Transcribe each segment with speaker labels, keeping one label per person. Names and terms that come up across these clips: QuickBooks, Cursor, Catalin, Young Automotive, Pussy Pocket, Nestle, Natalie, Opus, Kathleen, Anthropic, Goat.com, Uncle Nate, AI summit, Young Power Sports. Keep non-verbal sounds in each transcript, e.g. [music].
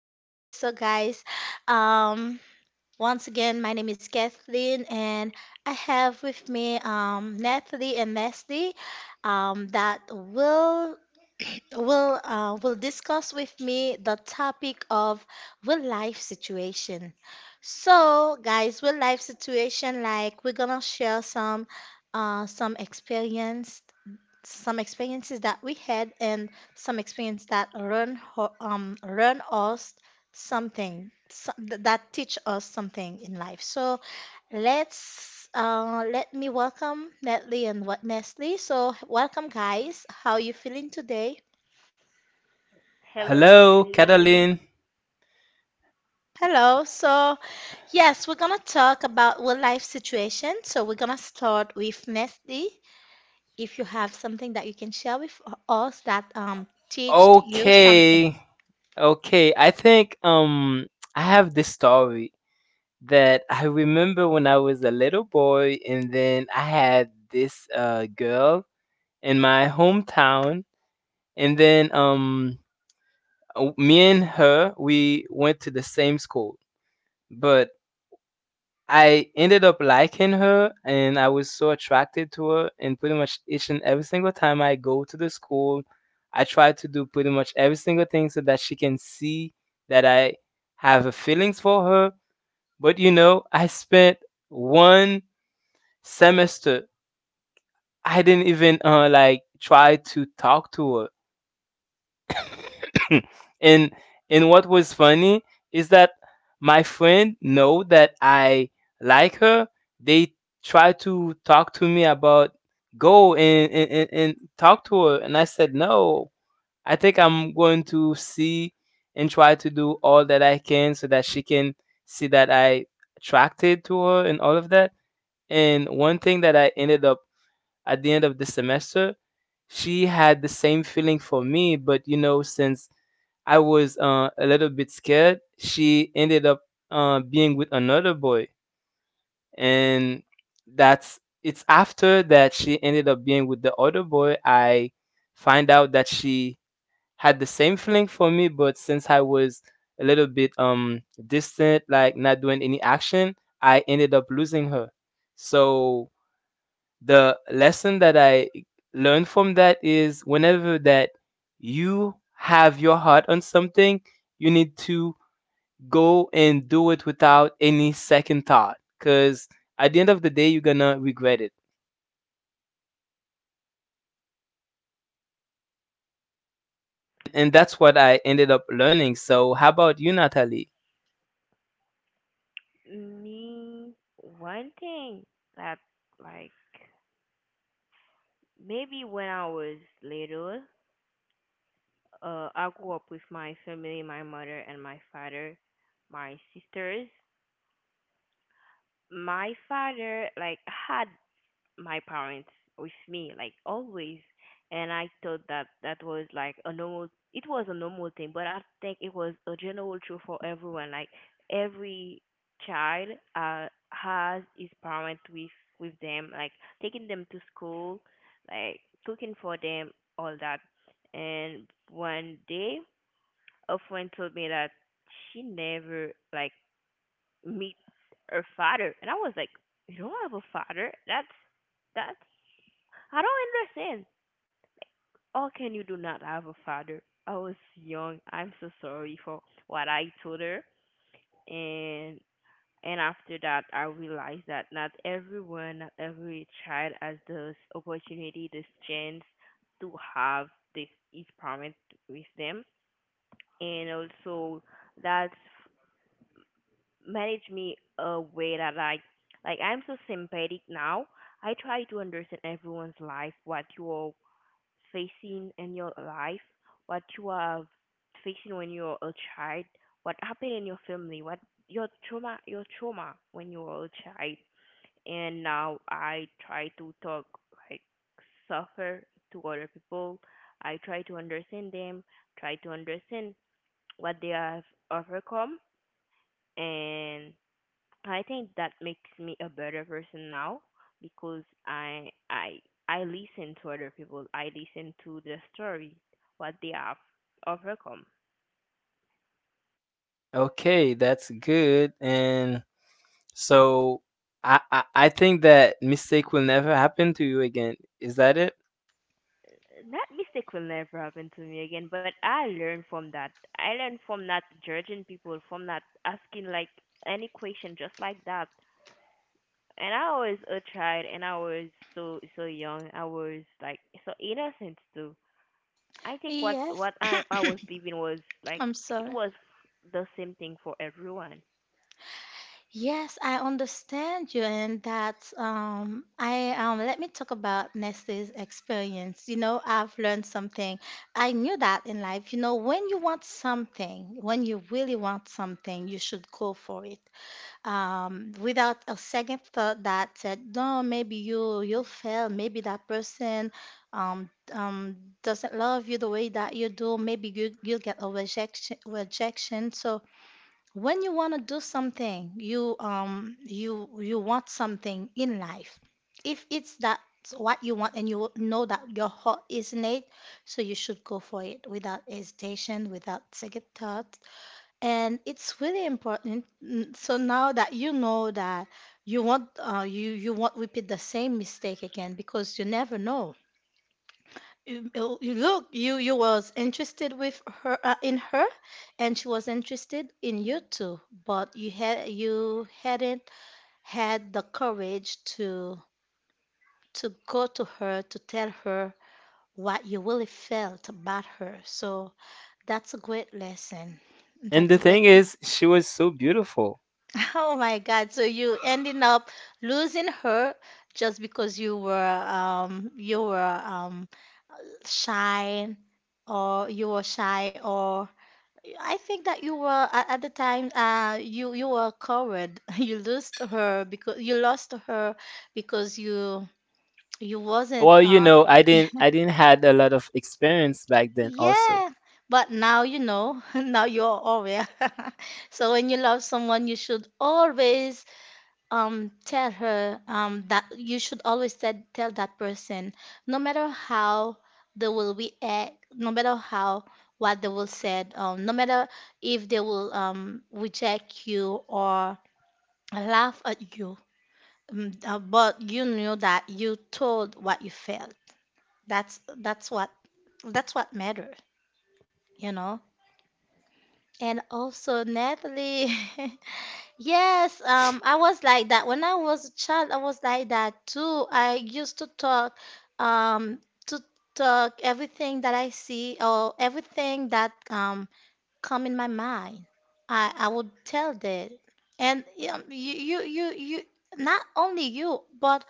Speaker 1: today. So, guys, um, once again, my name is Kathleen, and I have with me Natalie and Leslie that will [clears throat] will discuss with me the topic of real life situation. So, guys, real life situation, like we're gonna share some experience some experiences that we had and some experience that learn ho- learn us something that teach us something in life. So let me welcome Natalie and what Nestle. So welcome, guys. How you feeling today?
Speaker 2: Hello,
Speaker 3: Hello,
Speaker 2: Kathleen.
Speaker 3: Catalin.
Speaker 1: Hello. So yes, we're gonna talk about real life situation. So we're gonna start with Nestle. If you have something that you can share with us that teached you
Speaker 3: Okay.
Speaker 1: something.
Speaker 3: Okay. I think I have this story that I remember when I was a little boy, and then I had this girl in my hometown, and then me and her, we went to the same school. But I ended up liking her, and I was so attracted to her. And pretty much each and every single time I go to the school, I try to do pretty much every single thing so that she can see that I have a feelings for her. But you know, I spent one semester. I didn't even like try to talk to her. [laughs] Hmm. and and what was funny is that my friend know that I like her. They try to talk to me about go and talk to her, and I said no. I think I'm going to see and try to do all that I can so that she can see that I attracted to her and all of that. And one thing that I ended up at the end of the semester, she had the same feeling for me, but you know, since I was a little bit scared. She ended up being with another boy, and that's it's after that she ended up being with the other boy. I find out that she had the same feeling for me, but since I was a little bit distant, like not doing any action, I ended up losing her. So the lesson that I learned from that is whenever that you have your heart on something, you need to go and do it without any second thought, because at the end of the day you're gonna regret it. And that's what I ended up learning. So how about you, Natalie?
Speaker 2: Me, one thing that, like, maybe when I was little, I grew up with my family, my mother and my father, my sisters. My father, like, had my parents with me, like, always. And I thought that that was like a normal it was a normal thing. But I think it was a general truth for everyone, like every child has his parent with them, like taking them to school, like cooking for them, all that. And one day a friend told me that she never, like, meet her father. And I was like, you don't have a father? That's I don't understand. How can you do not have a father? I was young. I'm so sorry for what I told her. And and after that I realized that not everyone, not every child has this opportunity, this chance to have this is promised with them. And also that's managed me a way that I, like, I'm so sympathetic now. I try to understand everyone's life, what your facing in your life, what you are facing when you're a child, what happened in your family, what your trauma when you were a child. And now I try to talk, like, suffer to other people. I try to understand them, try to understand what they have overcome, and I think that makes me a better person now because I listen to other people. I listen to their story, what they have overcome.
Speaker 3: Okay, that's good. And so, I think that mistake will never happen to you again, is that it?
Speaker 2: That mistake will never happen to me again. But I learned from that. I learned from not judging people, from not asking, like, any question just like that. And I was a child, and I was so so young. I was, like, so innocent too. I think what
Speaker 1: Yes,
Speaker 2: what I was living was like
Speaker 1: I'm
Speaker 2: it
Speaker 1: sorry.
Speaker 2: was the same thing for everyone.
Speaker 1: Yes, I understand you, and that's I let me talk about Nestle's experience. You know, I've learned something. I knew that in life. You know, when you want something, when you really want something, you should go for it. Without a second thought that said, no, maybe you'll fail. Maybe that person um um doesn't love you the way that you do. Maybe you'll get a rejection. So when you want to do something, you you want something in life, if it's that's what you want and you know that your heart is in it, so you should go for it without hesitation, without second thought. And it's really important. Mm, so now that you know that, you won't you won't repeat the same mistake again, because you never know. You you was interested with her, in her, and she was interested in you too, but you hadn't had the courage to go to her, to tell her what you really felt about her. So that's a great lesson.
Speaker 3: And the
Speaker 1: That's a great.
Speaker 3: thing is, she was so beautiful.
Speaker 1: [laughs] Oh my God, so you ending up losing her just because you were shy, or you were shy, or I think that you were at the time you you were coward. [laughs] You lost her because you lost her because you wasn't
Speaker 3: Well, you know, I didn't had a lot of experience back then also.
Speaker 1: yeah. But now you know, [laughs] now you're aware. [laughs] So when you love someone, you should always tell her that you should always said, tell that person, no matter how they will react, no matter how, what they will said, no matter if they will reject you or laugh at you, but you knew that you told what you felt. That's what, that's what matter, you know. And also Natalie. [laughs] Yes, I was like that. When I was a child, I was like that too. I used um, to talk everything that I see, or everything that come in my mind. I would tell that. And you, not only you, but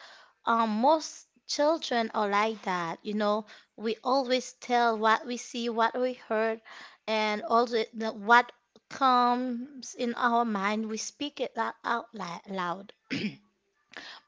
Speaker 1: most children are like that. You know, we always tell what we see, what we heard, and also what comes in our mind. We speak it loud. [clears throat]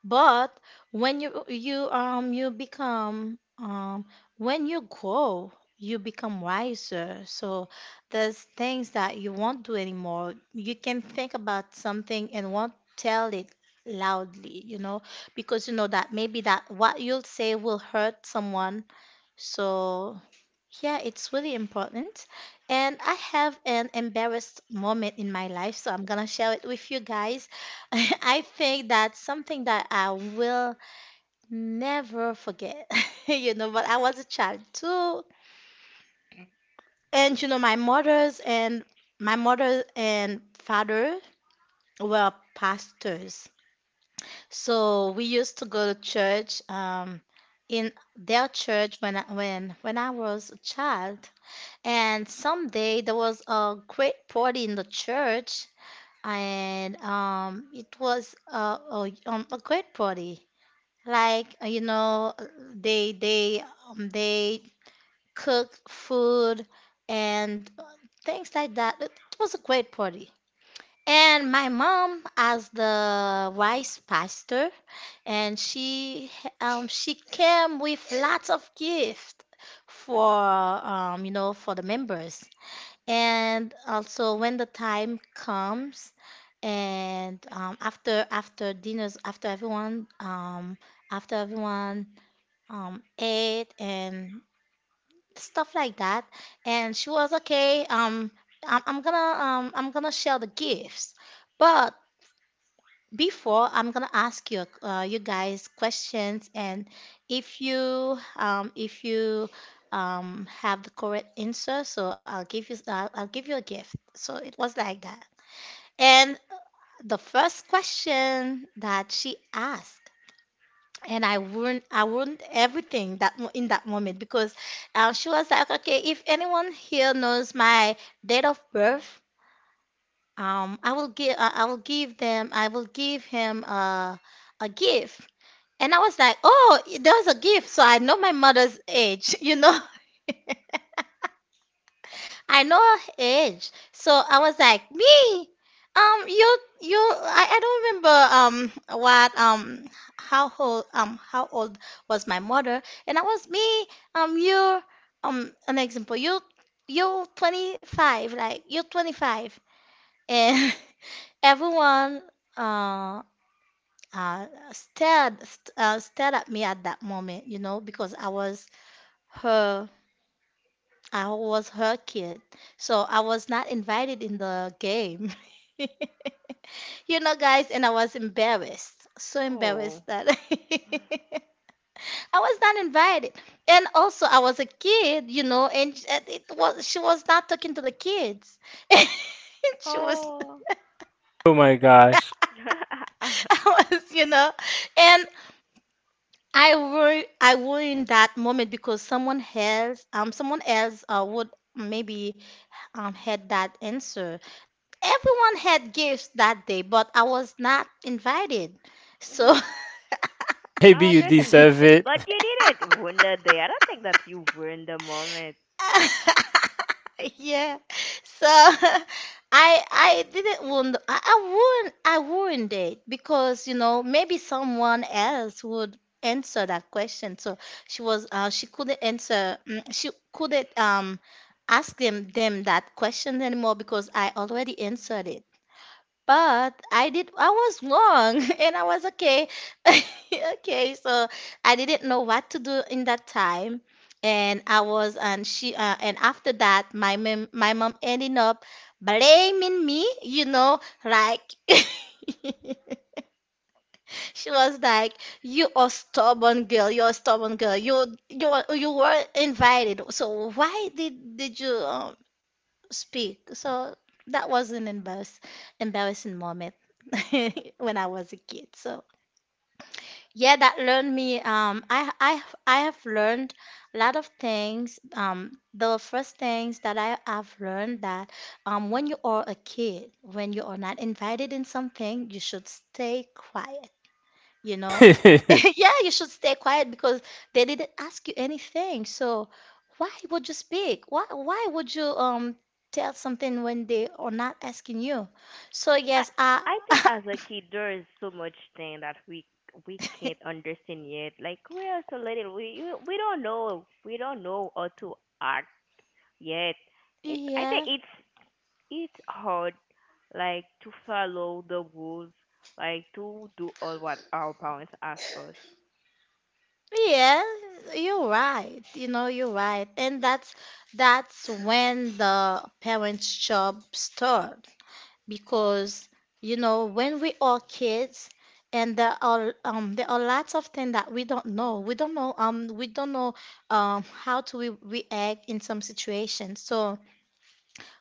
Speaker 1: But when you you become when you grow, you become wiser. So there's things that you won't do anymore. You can think about something and won't tell it loudly, you know, because you know that maybe that what you'll say will hurt someone. So yeah, it's really important. And I have an embarrassed moment in my life, so I'm gonna share it with you guys. [laughs] I think that's something that I will never forget. [laughs] You know, but I was a child too. And you know, my mother and father were pastors. So we used to go to church in their church when I was a child. And someday there was a great party in the church, and a great party. Like, you know, they cooked food and things like that. It was a great party. And my mom, as the vice pastor, and she came with lots of gift for, you know, for the members. And also, when the time comes, and after dinners, after everyone after everyone ate and stuff like that. And she was okay. I'm gonna share the gifts, but before, I'm gonna ask you, you guys, questions. And if you have the correct answer, so I'll give you a gift. So it was like that. And the first question that she asked, and I ruined everything in that moment. Because she was like, okay, if anyone here knows my date of birth, I will give them, I will give him a gift. And I was like, oh, there was a gift. So I know my mother's age, [laughs] you know. [laughs] I know her age. So I was like, me, you, I don't remember, how old was my mother? And I was me, you, an example, you, you're 25, like, you're 25. And [laughs] everyone, uh, uh, stared at me at that moment, you know, because her I was her kid, so I was not invited in the game. [laughs] You know, guys, and I was embarrassed, so
Speaker 2: Oh.
Speaker 1: embarrassed that [laughs] I was not invited. And also, I was a kid, you know, and and it was she was not talking to the kids. [laughs] She was
Speaker 2: Oh.
Speaker 1: [laughs]
Speaker 3: Oh my gosh,
Speaker 2: [laughs] Yeah,
Speaker 1: I was, you know, and I were in that moment, because someone else would maybe had that answer. Everyone had gifts that day, but I was not invited. So
Speaker 3: maybe
Speaker 2: I
Speaker 3: you
Speaker 2: understand,
Speaker 3: deserve
Speaker 2: but you didn't win the day. I don't think that you were in the moment.
Speaker 1: [laughs] yeah. So [laughs] I didn't want I wouldn't date, because you know, maybe someone else would answer that question. So she was she couldn't answer. Mm, she couldn't ask them that question anymore, because I already answered it. But I did, I was wrong [laughs] and I was okay. [laughs] Okay, so I didn't know what to do in that time. And I was, and she, and after that, my mom ended up blaming me, you know, like, [laughs] she was like, "You are stubborn girl. You're a stubborn girl. You were invited. So why did you speak. So that was an embarrassing moment [laughs] when I was a kid. So yeah, that learned me. I have learned a lot of things. The first things that I have learned that when you are a kid, when you are not invited in something, you should stay quiet, you know? [laughs]
Speaker 3: it. [laughs]
Speaker 1: Yeah, you should stay quiet because they didn't ask you anything. So why would you speak? Why would you tell something when they are not asking you? So
Speaker 2: I
Speaker 1: yes, I
Speaker 2: I think as a kid there is so much thing that we can't
Speaker 1: [laughs]
Speaker 2: understand yet. Like we are so little, we don't know how to act yet. It's I think
Speaker 1: yeah.
Speaker 2: it's hard, like to follow the rules, like to do all what our parents ask us
Speaker 1: Yeah, you're right. You know, you're right. And that's when the parents' job starts. Because you know, when we are kids, and there are lots of things that we don't know, we don't know, how to react in some situations. So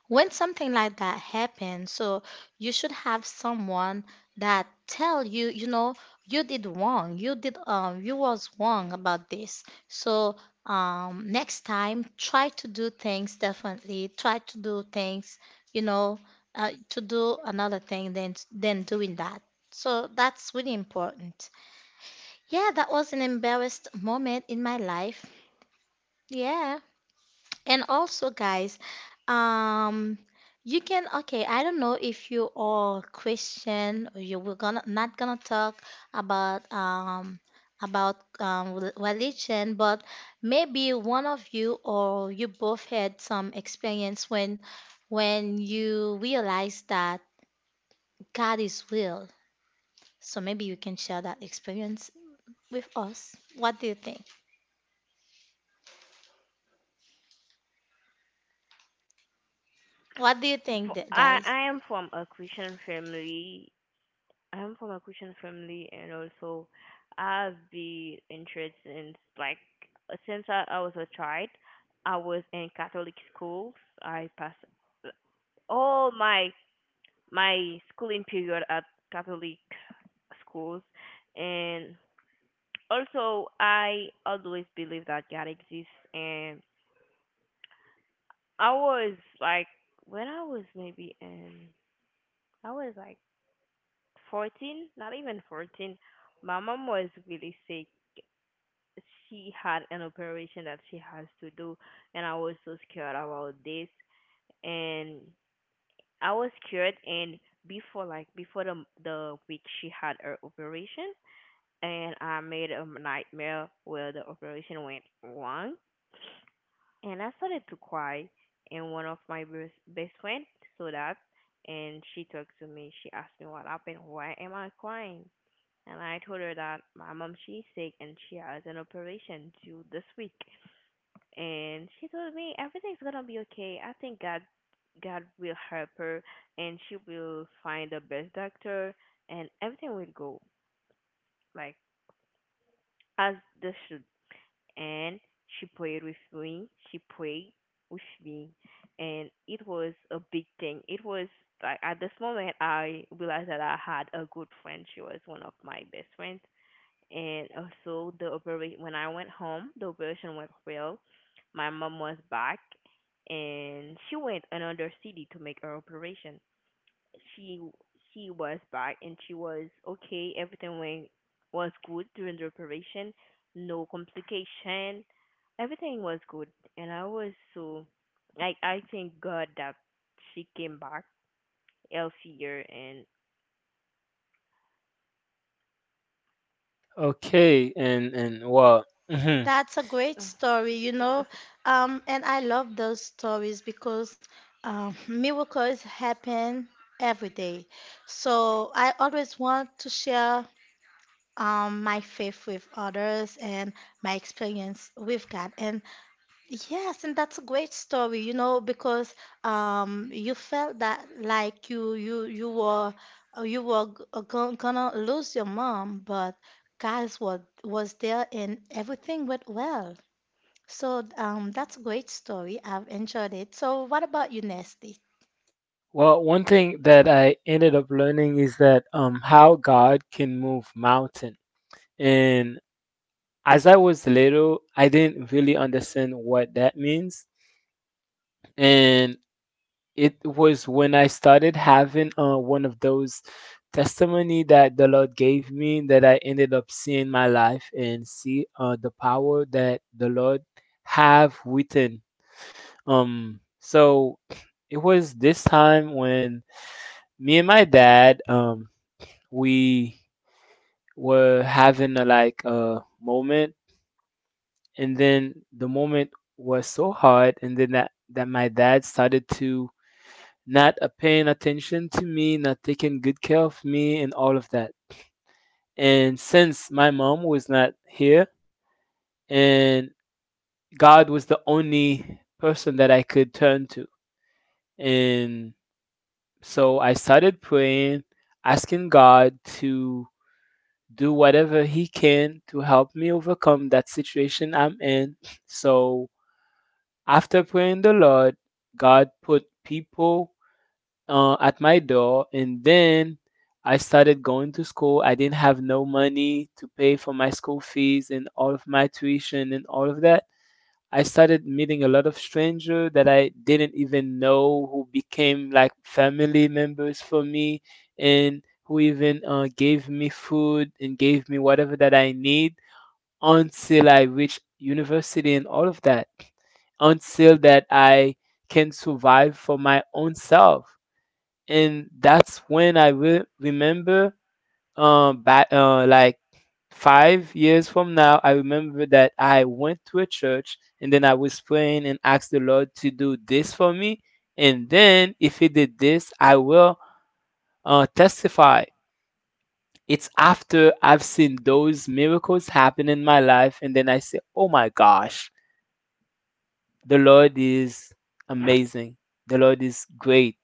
Speaker 1: when something like that happens, so you should have someone that tell you, you know, you did wrong, you did, you was wrong about this. So next time try to do things differently, try to do things, you know, to do another thing than doing that. So that's really important. Yeah, that was an embarrassed moment in my life. Yeah. And also, guys, um, you can okay. I don't know if you are Christian, or you we're gonna not gonna talk about religion, but maybe one of you, or you both, had some experience when you realize that God is real. So maybe you can share that experience with us. What do you think? What do you think,
Speaker 2: for. i
Speaker 1: guys?
Speaker 2: i am from a Christian family. I am from a Christian family, and also I've been interested in, like, since I was a child, I was in Catholic schools. I passed all my schooling period at Catholic schools. And also I always believe that God exists. And I was, like, when I was maybe, I was like 14, not even 14, my mom was really sick. She had an operation that she has to do, and I was so scared about this. And I was scared, and before, like, before the week she had her operation, and I made a nightmare where the operation went wrong, and I started to cry. And one of my best friend saw that, and she talked to me. She asked me what happened. Why am I crying? And I told her that my mom she's sick and she has an operation due this week. And she told me everything's gonna be okay. I think God, God will help her, and she will find the best doctor, and everything will go, like, as this should. And she prayed with me. She prayed with me, and it was a big thing. It was like at this moment I realized that I had a good friend. She was one of my best friends. And also the operation, when I went home, the operation went well. My mom was back, and she went another city to make her operation. she she was back and she was okay. Everything went, was good during the operation, no complication. Everything was good, and I was so, like, I thank God that she came back healthier. And
Speaker 3: Okay, and well, mhm.
Speaker 1: That's a great
Speaker 2: [laughs]
Speaker 1: story, you know. And I love those stories because, miracles happen every day. So I always want to share, my faith with others, and my experience with God. And yes, and that's a great story, you know, because, you felt that, like, you were gonna lose your mom, but guys was there and everything went well. So that's a great story. I've enjoyed it. So what about you, Nesty?
Speaker 3: Well, one thing that I ended up learning is that how God can move mountain. And as I was little, I didn't really understand what that means. And it was when I started having one of those testimony that the Lord gave me, that I ended up seeing my life and see the power that the Lord have within. So it was this time when me and my dad, we were having a like a moment, and then the moment was so hard, and then that that my dad started to not paying attention to me, not taking good care of me, and all of that. And since my mom was not here, and God was the only person that I could turn to, and so I started praying, asking God to do whatever He can to help me overcome that situation I'm in. So after praying the Lord, God put people at my door, and then I started going to school. I didn't have no money to pay for my school fees and all of my tuition and all of that. I started meeting a lot of strangers that I didn't even know, who became like family members for me, and who even gave me food and gave me whatever that I need, until I reached university and all of that, until that I can survive for my own self. And that's when I will remember back like 5 years from now. I remember that I went to a church, and then I was praying and asked the Lord to do this for me, and then if He did this I will testify. It's after I've seen those miracles happen in my life, and then I say, oh my gosh, the Lord is amazing, the Lord is great.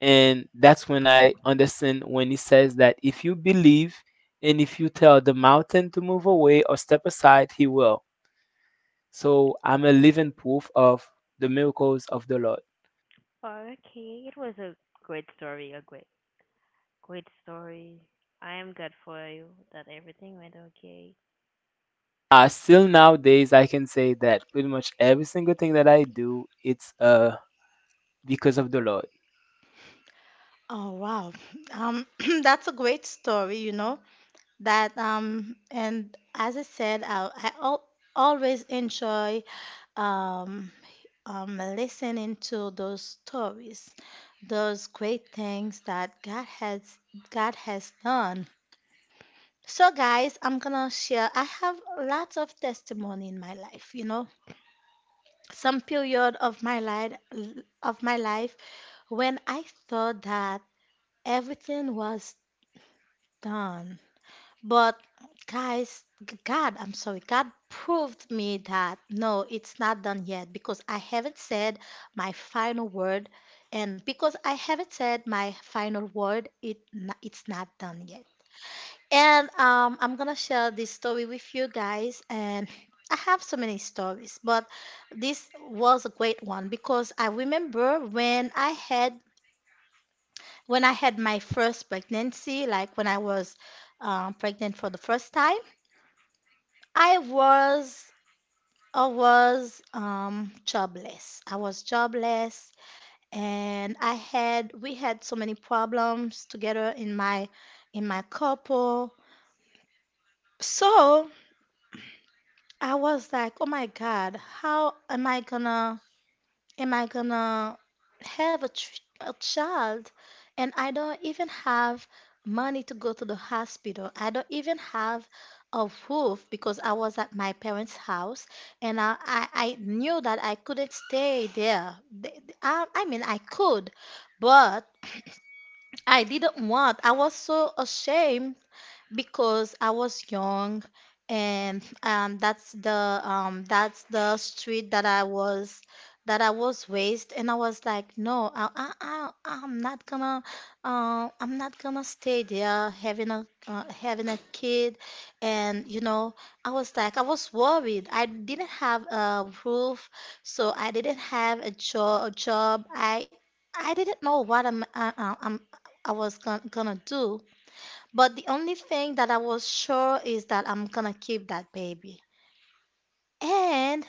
Speaker 3: And that's when I understand when He says that if you believe and if you tell the mountain to move away or step aside, He will. So I'm a living proof of the miracles of the Lord.
Speaker 2: okay, it was a great story, a great great story. I am glad for you that everything went okay.
Speaker 3: Still nowadays, I can say that pretty much every single thing that I do, it's because of the Lord.
Speaker 1: Oh wow, um, [clears throat] that's a great story. You know that and as I said, I al always enjoy um, listening to those stories, those great things that God has done. So guys, I'm gonna share. I have lots of testimony in my life. You know, some period of my life of my life when I thought that everything was done. But guys, God, I'm sorry, God proved me that no, it's not done yet because I haven't said my final word, and because I haven't said my final word, it's not done yet. And I'm gonna share this story with you guys. And I have so many stories, but this was a great one because I remember when I had my first pregnancy, like when I was pregnant for the first time, I was I was jobless. I was jobless, and I had we had so many problems together in my couple. So I was like, oh my God, how am I gonna have a child and I don't even have money to go to the hospital. I don't even have a roof because I was at my parents' house and I knew that I couldn't stay there. I mean, I could, but I didn't want. I was so ashamed because I was young and that's the street that I was raised and I was like no, I'm not gonna stay there having a having a kid and I was worried I didn't have a roof so I didn't have a job I didn't know what I'm gonna do but the only thing that I was sure is that I'm gonna keep that baby. And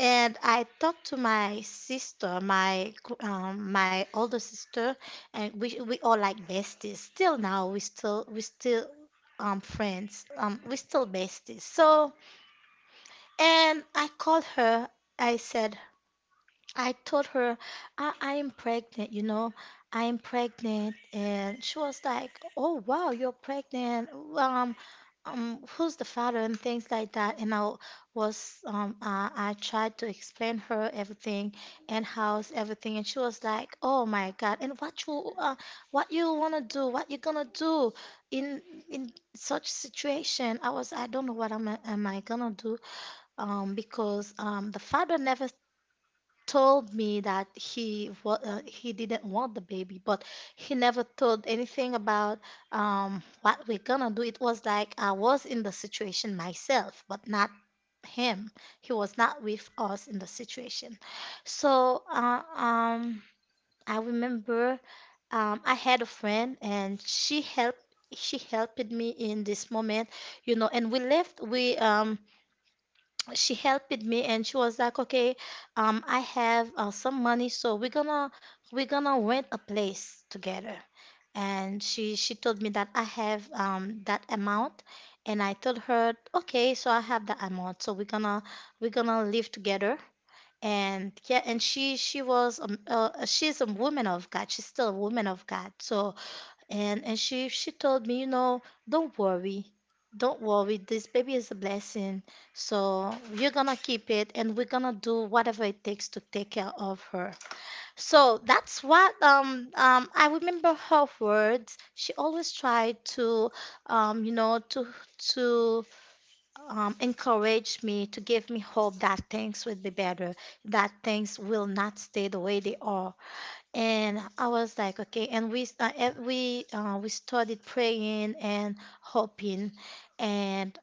Speaker 1: and I talked to my sister, my older sister, and we all like besties. Still now, we still friends. We still besties. So and I called her. I said I told her I am pregnant. You know, I am pregnant, and she was like, "Oh wow, you're pregnant. Well, who's the father" and things like that. And I was, I tried to explain her everything and how's everything, and she was like, "Oh my God! And what you wanna do? What you gonna do in in such situation?" I was, I don't know what am I gonna do, because the father never told me that he didn't want the baby, but he never told anything about what we're gonna do. It was like I was in the situation myself, but not him. He was not with us in the situation. So I remember I had a friend, and she helped me in this moment, you know. And we left. We She helped me and she was like, okay, I have some money, so we're gonna rent a place together. And she told me that I have that amount, and I told her, okay, so I have that amount, so we're gonna live together. And she was she's a woman of God. She's still a woman of God. So and she told me, you know, don't worry. Don't worry. This baby is a blessing. So you're gonna keep it and we're gonna do whatever it takes to take care of her. So that's what I remember her words. She always tried to you know to to encourage me, to give me hope that things will be better, that things will not stay the way they are. And I was like, okay. And we started praying and hoping. And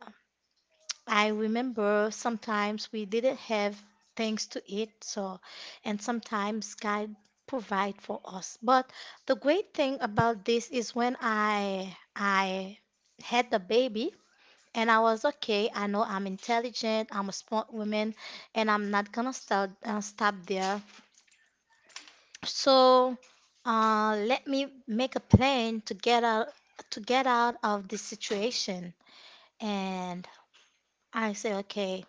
Speaker 1: I remember sometimes we didn't have things to eat, so and sometimes God provide for us. But the great thing about this is when I had the baby and I was okay. I know I'm intelligent. I'm a smart woman, and I'm not gonna stop stop there. So let me make a plan to get out of this situation. And I say, okay,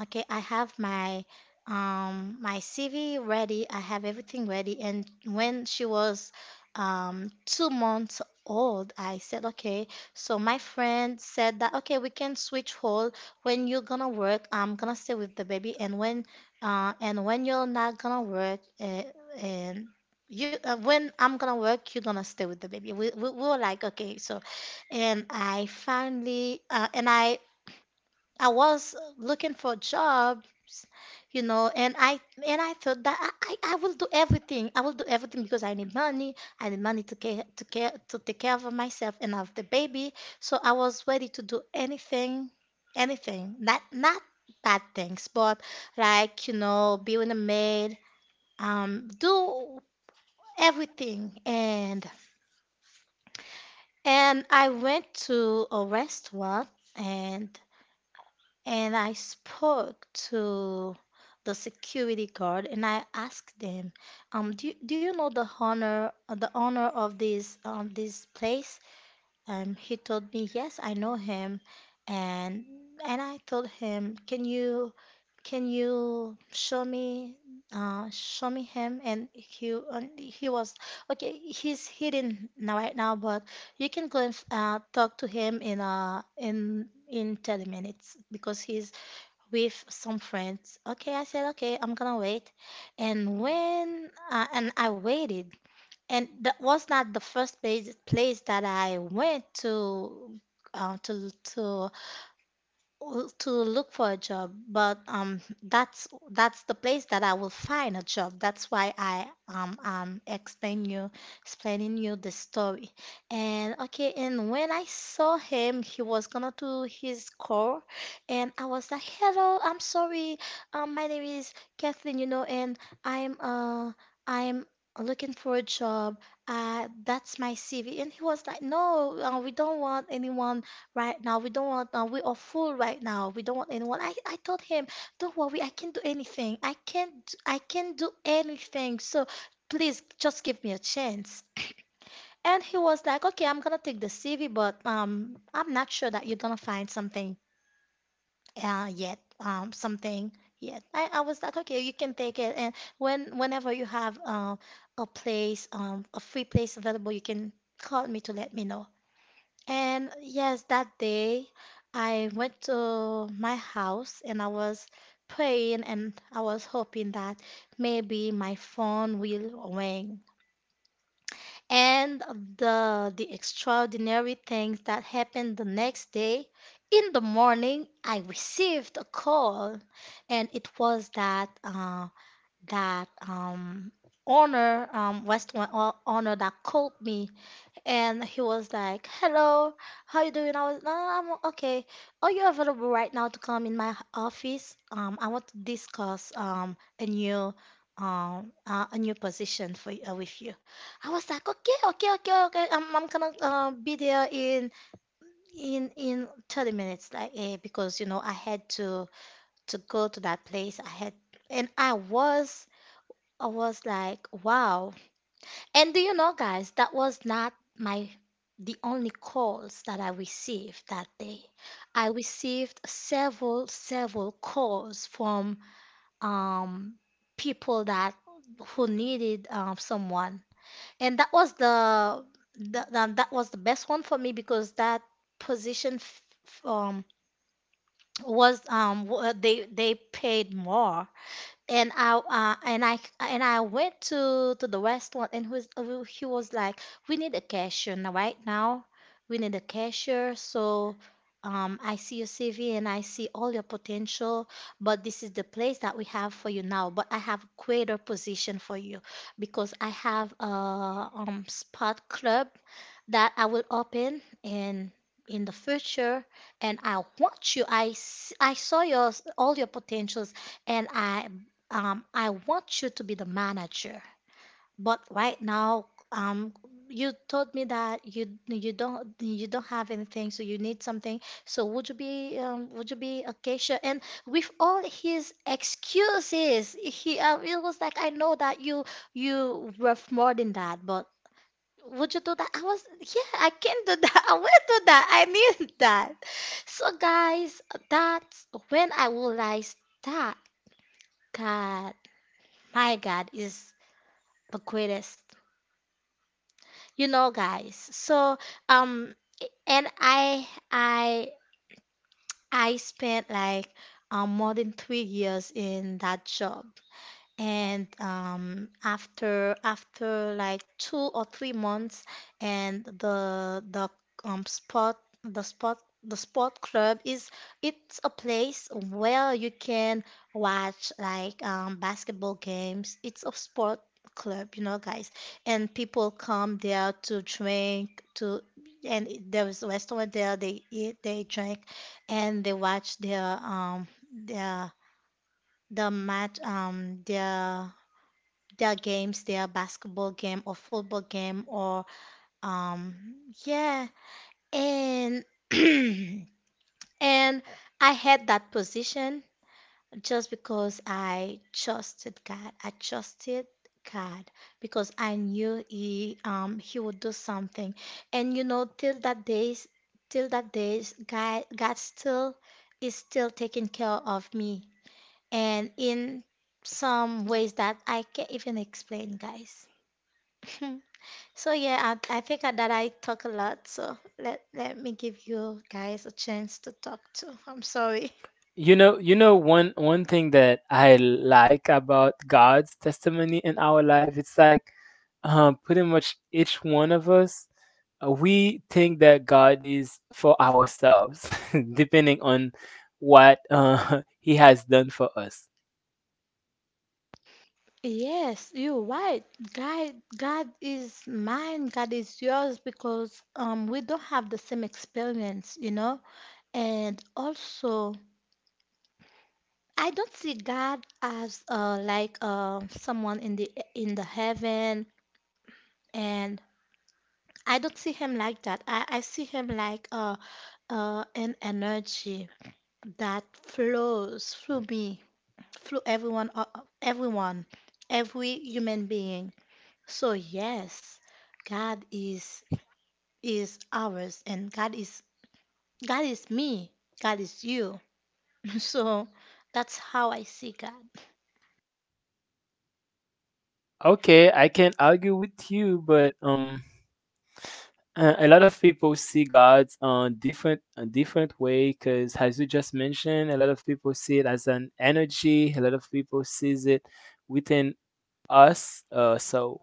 Speaker 1: okay, I have my my CV ready. I have everything ready. And when she was 2 months old, I said, okay. So my friend said that, okay, we can switch hole. When you're gonna work, I'm gonna stay with the baby. And when you're not gonna work, and you when I'm gonna work, you're gonna stay with the baby. We were like, okay. So and I finally and I was looking for jobs, you know, and I thought that I will do everything. I will do everything because I need money. I need money to take care of myself and of the baby. So I was ready to do anything, anything. Not bad things, but, like, you know, being a maid, do everything. And I went to a restaurant and I spoke to the security guard and I asked them, do you know the owner, of this, this place? He told me, yes, I know him. And, and I told him, can you show me him? And he was, okay, he's hidden now right now, but you can go and talk to him in, in 10 minutes because he's with some friends. Okay, I said, okay, I'm gonna wait. And when and I waited, and that was not the first place that I went to uh, to to to look for a job, but that's the place that I will find a job. That's why I explaining you the story. And okay, and when I saw him, he was gonna do his call, and I was like, "Hello, I'm sorry. My name is Kathleen, you know, and I'm uh I'm looking for a job. That's my CV." And he was like, "No, we don't want anyone right now. We don't want, we are full right now. We don't want anyone." I told him, don't worry, I can do anything. I can't, I can do anything. So please just give me a chance. [clears throat] And he was like, okay, I'm gonna take the CV, but I'm not sure that you're gonna find something yet. I was like, okay, you can take it, and whenever you have a place, a free place available, you can call me to let me know. And yes, that day I went to my house and I was praying and I was hoping that maybe my phone will ring. And the extraordinary things that happened the next day, in the morning, I received a call, and it was that that um, owner Western owner that called me, and he was like, "Hello, how you doing?" I was, "No, no, no, I'm okay." "Are you available right now to come in my office? I want to discuss a new position with you." I was like, "Okay, okay, okay, okay. I'm gonna be there in in 30 minutes," like, eh, because you know I had to go to that place. I had, and I was like, wow. And do you know, guys, that was not my the only calls that I received that day. I received several, several calls from um people that who needed someone, and that was the that was the best one for me because that position f f- um was they paid more. And I and I and I went to the restaurant, and who's he was like, "We need a cashier now, right now. We need a cashier. So I see your CV and I see all your potential, but this is the place that we have for you now. But I have greater position for you because I have a spot club that I will open in the future, and I want you, I saw your all your potentials, and I want you to be the manager, but right now, you told me that you don't have anything, so you need something. So would you be acacia?" And with all his excuses, he it was like, "I know that you worth more than that, but would you do that?" Yeah, I can do that. [laughs] I will do that. I need that. So, guys, that's when I realized that God, my God, is the greatest. You know, guys. Um, and I, I, I spent like more than 3 years in that job. And after after like 2 or 3 months and the spot the spot the sport club is it's a place where you can watch like basketball games. It's a sport club, you know, guys. And people come there to drink to. And there is a restaurant there. They eat, they drink, and they watch their the match, their games, their basketball game or football game or um yeah. And [clears throat] and I had that position just because I trusted God. I trusted God because I knew he would do something. And you know, till that days, till that days, God still is still taking care of me. And in some ways that I can't even explain, guys. [laughs] So yeah, I think that I talk a lot. So let me give you guys a chance to talk too. [laughs] I'm sorry.
Speaker 3: You know, you know, one thing that I like about God's testimony in our life, it's like, pretty much each one of us, we think that God is for ourselves, [laughs] depending on what [laughs] He has done for us.
Speaker 1: Yes, you're right. God is mine. God is yours because we don't have the same experience, you know. And also, I don't see God as like someone in the heaven, and I don't see him like that. I see him like an energy that flows through me, through everyone, everyone, every human being. So yes, God is ours, and God is me, God is you. [laughs] So that's how I see God.
Speaker 3: Okay, I can argue with you, but uh, a lot of people see God on different a different way because, as you just mentioned, a lot of people see it as an energy. A lot of people sees it within us. So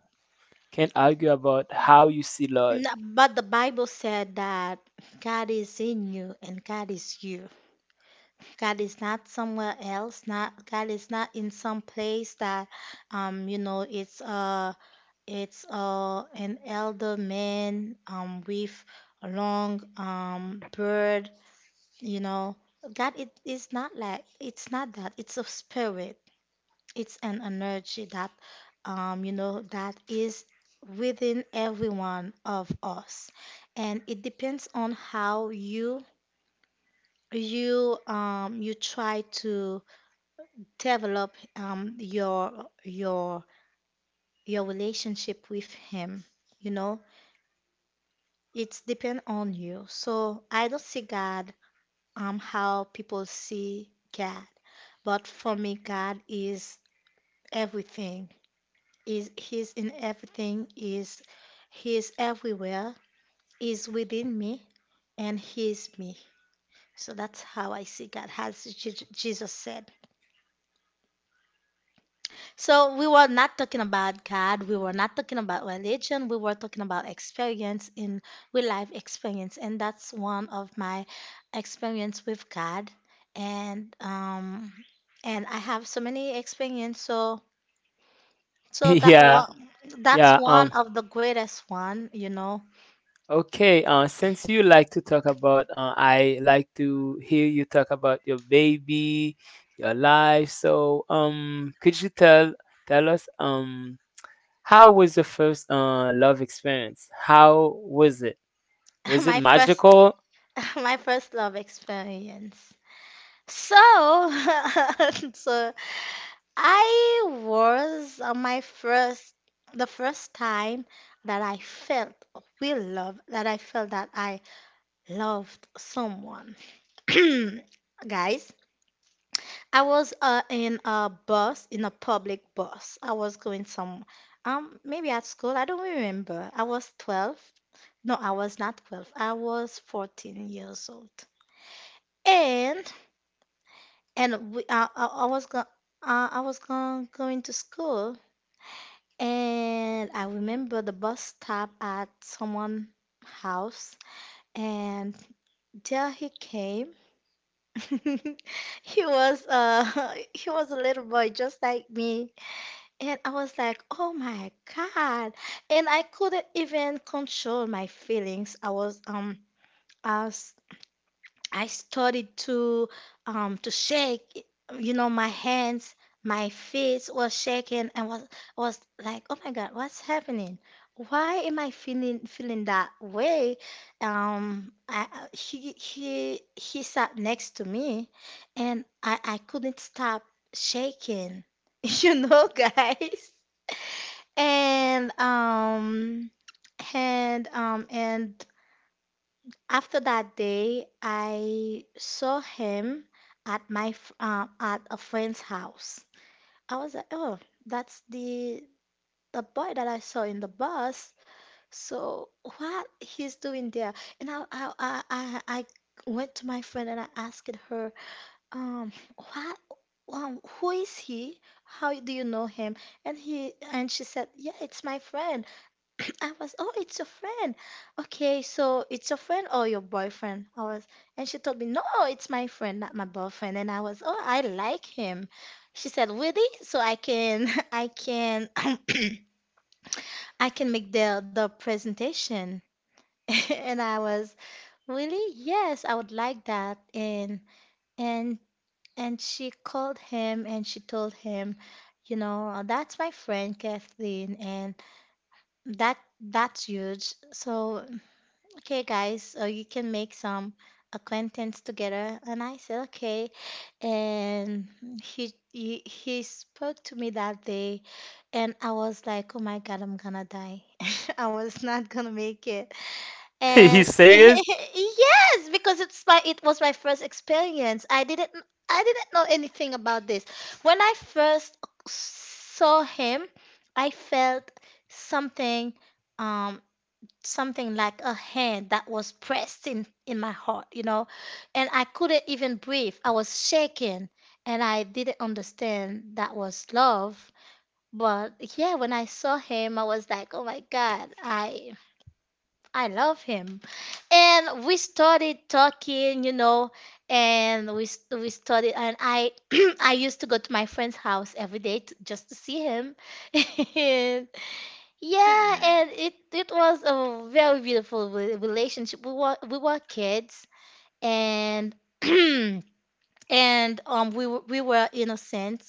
Speaker 3: can't argue about how you see Lord.
Speaker 1: N- But the Bible said that God is in you and God is you. God is not somewhere else. Not God is not in some place that, you know, it's an elder man with a long beard, you know. God, it is not like, it's not that. It's a spirit. It's an energy that, you know, that is within every one of us, and it depends on how you you try to develop your your relationship with him, you know. It's depend on you. So I don't see God how people see God, but for me, God is everything. Is, he's in everything. Is, he's everywhere. Is within me and he's me. So that's how I see God, as Jesus said. So we were not talking about God, we were not talking about religion, we were talking about experience in real life experience, and that's one of my experience with God. And um and I have so many experience, so
Speaker 3: [laughs]
Speaker 1: so that
Speaker 3: Yeah,
Speaker 1: one that's
Speaker 3: yeah.
Speaker 1: one of the greatest one, you know.
Speaker 3: Okay. Since you like to talk about, I like to hear you talk about your baby, your life. So, could you tell us, how was your first love experience? How was it?
Speaker 1: [laughs]
Speaker 3: Was it
Speaker 1: My first,
Speaker 3: magical?
Speaker 1: [laughs] my first love experience. So [laughs] so I was my first, the first time that I felt a real love, that I felt that I loved someone. [clears throat] Guys, I was in a bus, in a public bus. I was going some, maybe at school, I don't really remember. I was 12. No, I was not 12. I was 14 years old. And and we, I, was go, I was go, going to school. And I remember the bus stopped at someone's house, and there he came. [laughs] He was [laughs] he was a little boy just like me, and I was like, "Oh my God!" And I couldn't even control my feelings. I was I I started to shake, you know, my hands, my face was shaking and was like, "Oh my God, what's happening? Why am I feeling that way?" He sat next to me and I couldn't stop shaking. [laughs] You know, guys. And um and after that day, I saw him at at a friend's house. I was like, oh, that's the boy that I saw in the bus. So what he's doing there? And I went to my friend and I asked her, what who is he? How do you know him? And she said, yeah, it's my friend. [clears throat] I was, oh, it's your friend. Okay, so it's your friend or your boyfriend? I was, and she told me, no, it's my friend, not my boyfriend. And I was, oh, I like him. She said, really? So I can, [laughs] I can, [clears throat] I can make the presentation. [laughs] And I was, really? Yes, I would like that. And and she called him and she told him, you know, that's my friend Kathleen, and that's huge. So okay guys, you can make some acquaintance together. And I said okay. And he spoke to me that day and I was like, oh my God, I'm gonna die. [laughs] I was not gonna make it.
Speaker 3: [laughs]
Speaker 1: And
Speaker 3: You
Speaker 1: [laughs]
Speaker 3: serious?
Speaker 1: yes, because it's my, it was my first experience. I didn't know anything about this. When I first saw him, I felt something, um something like a hand that was pressed in my heart, you know, and I couldn't even breathe. I was shaking and I didn't understand that was love. But yeah, when I saw him, I was like, oh my God, I love him. And we started talking, you know, and we started and I [clears throat] I used to go to my friend's house every day to, just to see him. [laughs] Yeah, and
Speaker 2: [laughs]
Speaker 1: it was a very beautiful relationship. We were kids, and [clears throat] and we were innocent.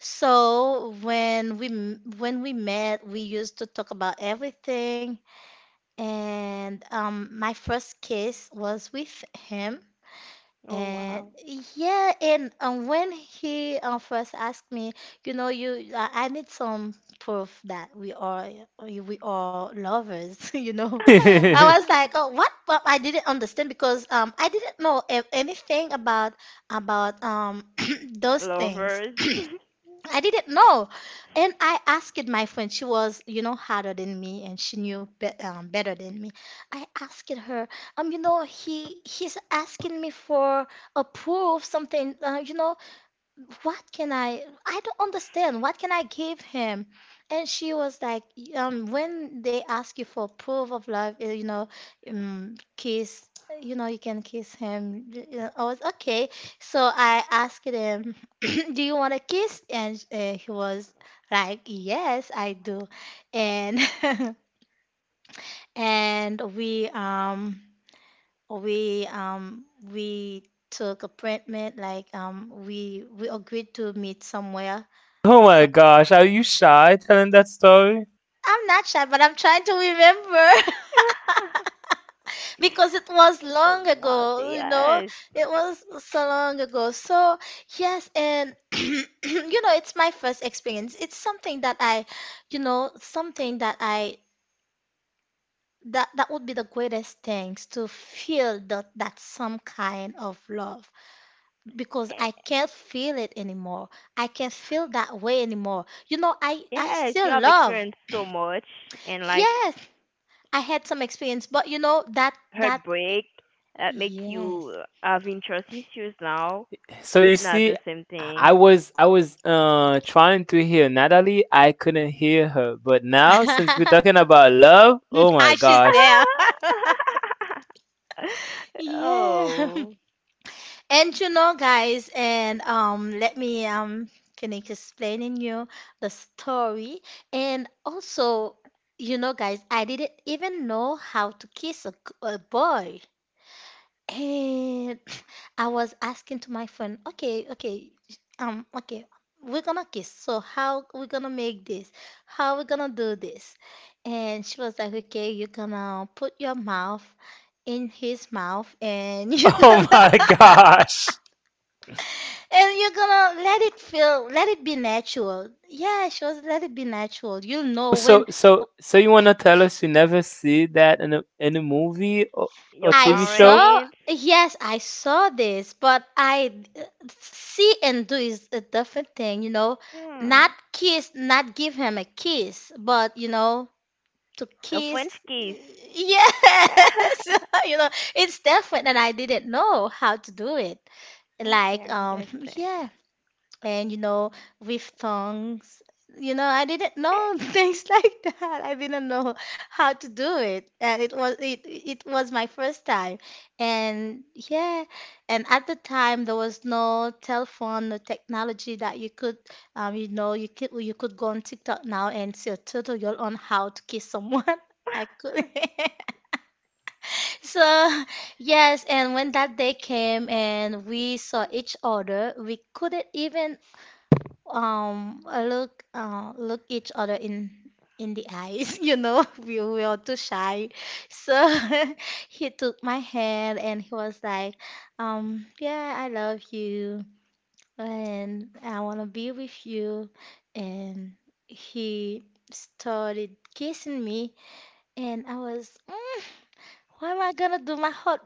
Speaker 1: So when when we met, we used to talk about everything. And my first kiss was with him.
Speaker 2: Oh
Speaker 1: And
Speaker 2: wow.
Speaker 1: yeah, and when he first asked me, you know, you, I need some proof that we are lovers, [laughs] you know. I was
Speaker 3: [laughs]
Speaker 1: like,
Speaker 2: [laughs]
Speaker 1: oh, what? But I didn't understand because I didn't know anything about about um [clears throat] those things.
Speaker 2: Lovers.
Speaker 1: I didn't know. And I asked my friend, she was, you know, harder than me and she knew be better than me. I asked her, you know, he's asking me for a proof, something, you know, what can I don't understand. What can I give him? And she was like, when they ask you for proof of love, eh, you know, kiss, you know, you can kiss him. I was okay. So I asked him, [clears throat] do you want a kiss? And he was like, yes, I do. And [laughs] and we um we took appointment like we agreed to meet somewhere.
Speaker 3: Oh my
Speaker 1: So
Speaker 3: gosh, are you shy telling that story?
Speaker 1: I'm not shy, but I'm trying to remember
Speaker 2: [laughs]
Speaker 1: [laughs] because it was
Speaker 2: It's
Speaker 1: long
Speaker 2: not,
Speaker 1: ago, you know.
Speaker 2: yes.
Speaker 1: It was so long ago. So, yes, and [clears throat] you know, it's my first experience. It's something that I, you know, something that I, that would be the greatest things to feel that some kind of love because I
Speaker 2: Eh,
Speaker 1: can't feel it anymore. I can't feel that way anymore. You know, I
Speaker 2: yes, you
Speaker 1: still
Speaker 2: have
Speaker 1: love.
Speaker 2: experienced so much and, like,
Speaker 1: Yes, I had some experience, but you know that that
Speaker 2: heartbreak that make
Speaker 1: Yes.
Speaker 2: you have interest issues now.
Speaker 3: So you
Speaker 2: It's not
Speaker 3: see,
Speaker 2: the same
Speaker 3: I
Speaker 2: thing.
Speaker 3: was I was uh trying to hear Natalie. I couldn't hear her, but now since we're
Speaker 1: [laughs]
Speaker 3: talking about love, oh my
Speaker 1: Ash is
Speaker 3: gosh.
Speaker 1: there. [laughs]
Speaker 2: [laughs]
Speaker 1: Yeah. [laughs]
Speaker 2: Oh,
Speaker 1: And you know, guys, and let me finish explaining you the story. And also, you know, guys, I didn't even know how to kiss a, a boy. And [laughs] I was asking to my friend, okay, okay, okay, we're gonna kiss. So how we gonna make this? How we gonna do this? And she was like, okay, you're gonna put your mouth in his mouth, and [laughs]
Speaker 3: [laughs]
Speaker 1: you're
Speaker 3: Oh
Speaker 1: gonna,
Speaker 3: my gosh.
Speaker 1: and you're gonna let it feel, let it be natural. Yeah, she was let it be natural. You'll know when
Speaker 3: So you wanna tell us you never see that in a movie, or
Speaker 2: your
Speaker 1: I
Speaker 3: TV show?
Speaker 1: saw,
Speaker 2: parents.
Speaker 1: yes, I saw this, but I, see and do is a different thing, you know. Not
Speaker 2: Hmm.
Speaker 1: kiss, not give him a kiss, but you know, to
Speaker 2: A French
Speaker 1: kiss,
Speaker 2: kiss.
Speaker 1: yes,
Speaker 2: [laughs]
Speaker 1: [laughs] you know, it's different, and I didn't know how to do it.
Speaker 2: I
Speaker 1: Like,
Speaker 2: can
Speaker 1: um, [laughs]
Speaker 2: understand.
Speaker 1: yeah and you know With thongs, you know, I didn't know [laughs] things like that. I didn't know how to do it, and it was my first time. And yeah, and at the time there was no telephone, no technology that you could you could go on TikTok now and see a tutorial on how to kiss someone. [laughs] I could. [laughs] So yes, and when that day came and we saw each other, we couldn't even look look each other in the eyes. [laughs] You know, we were too shy, so [laughs] he took my hand and he was like, yeah, I love you and I want to be with you. And he started kissing me, and I was, why am I gonna do my heart,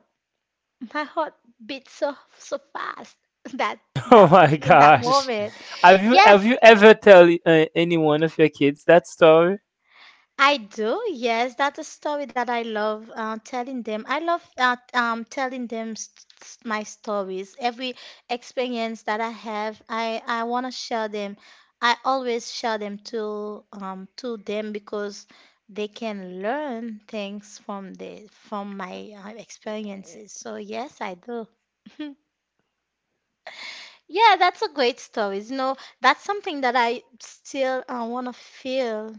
Speaker 1: my heart beat so so fast [laughs] that
Speaker 3: [laughs] Oh
Speaker 1: that
Speaker 3: my
Speaker 1: in that
Speaker 3: gosh.
Speaker 1: moment.
Speaker 3: Have you
Speaker 1: Yeah,
Speaker 3: have you ever tell any one of your kids that story?
Speaker 1: I do, yes. That's a story that I love telling them. I love telling them, my stories. Every experience that I have, I want to share them. I always share them to them because they can learn things from the from my experiences. So yes, I do. [laughs] Yeah, that's a great story. You know, that's something that I still want to feel,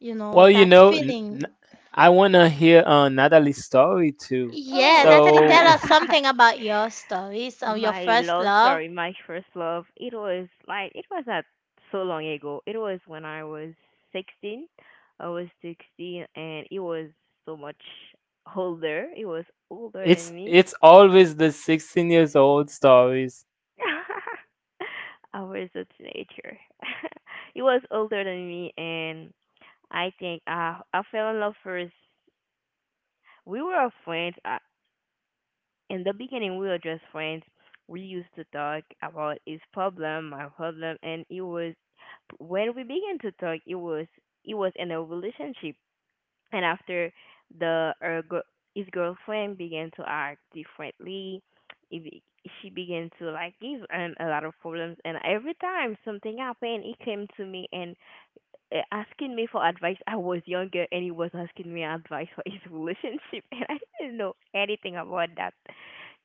Speaker 1: you know,
Speaker 3: Well, you
Speaker 1: that
Speaker 3: know,
Speaker 1: feeling.
Speaker 3: I want to hear Natalie's story too.
Speaker 1: Yeah,
Speaker 2: Oh.
Speaker 1: Natalie, tell
Speaker 3: So
Speaker 1: us
Speaker 2: [laughs]
Speaker 1: something about your stories or your
Speaker 2: My
Speaker 1: first
Speaker 2: love
Speaker 1: love.
Speaker 2: story, my first love, it was like it was not so long ago. It was when I was 16. I was 16 and it was so much older. It was
Speaker 3: [laughs]
Speaker 2: older than me.
Speaker 3: it's always the 16 years old stories.
Speaker 2: [laughs] I was a teenager. [laughs] It was older than me, and I think I fell in love first. We were friends. In the beginning, we were just friends. We used to talk about his problem, my problem, and it was when we began to talk, it was in a relationship. And after the her, gir- his girlfriend began to act differently, it be- she began to, like, give him a lot of problems. And every time something happened, he came to me and, asking me for advice. I was younger, and he was asking me advice for his [laughs] relationship, and I didn't know anything about that.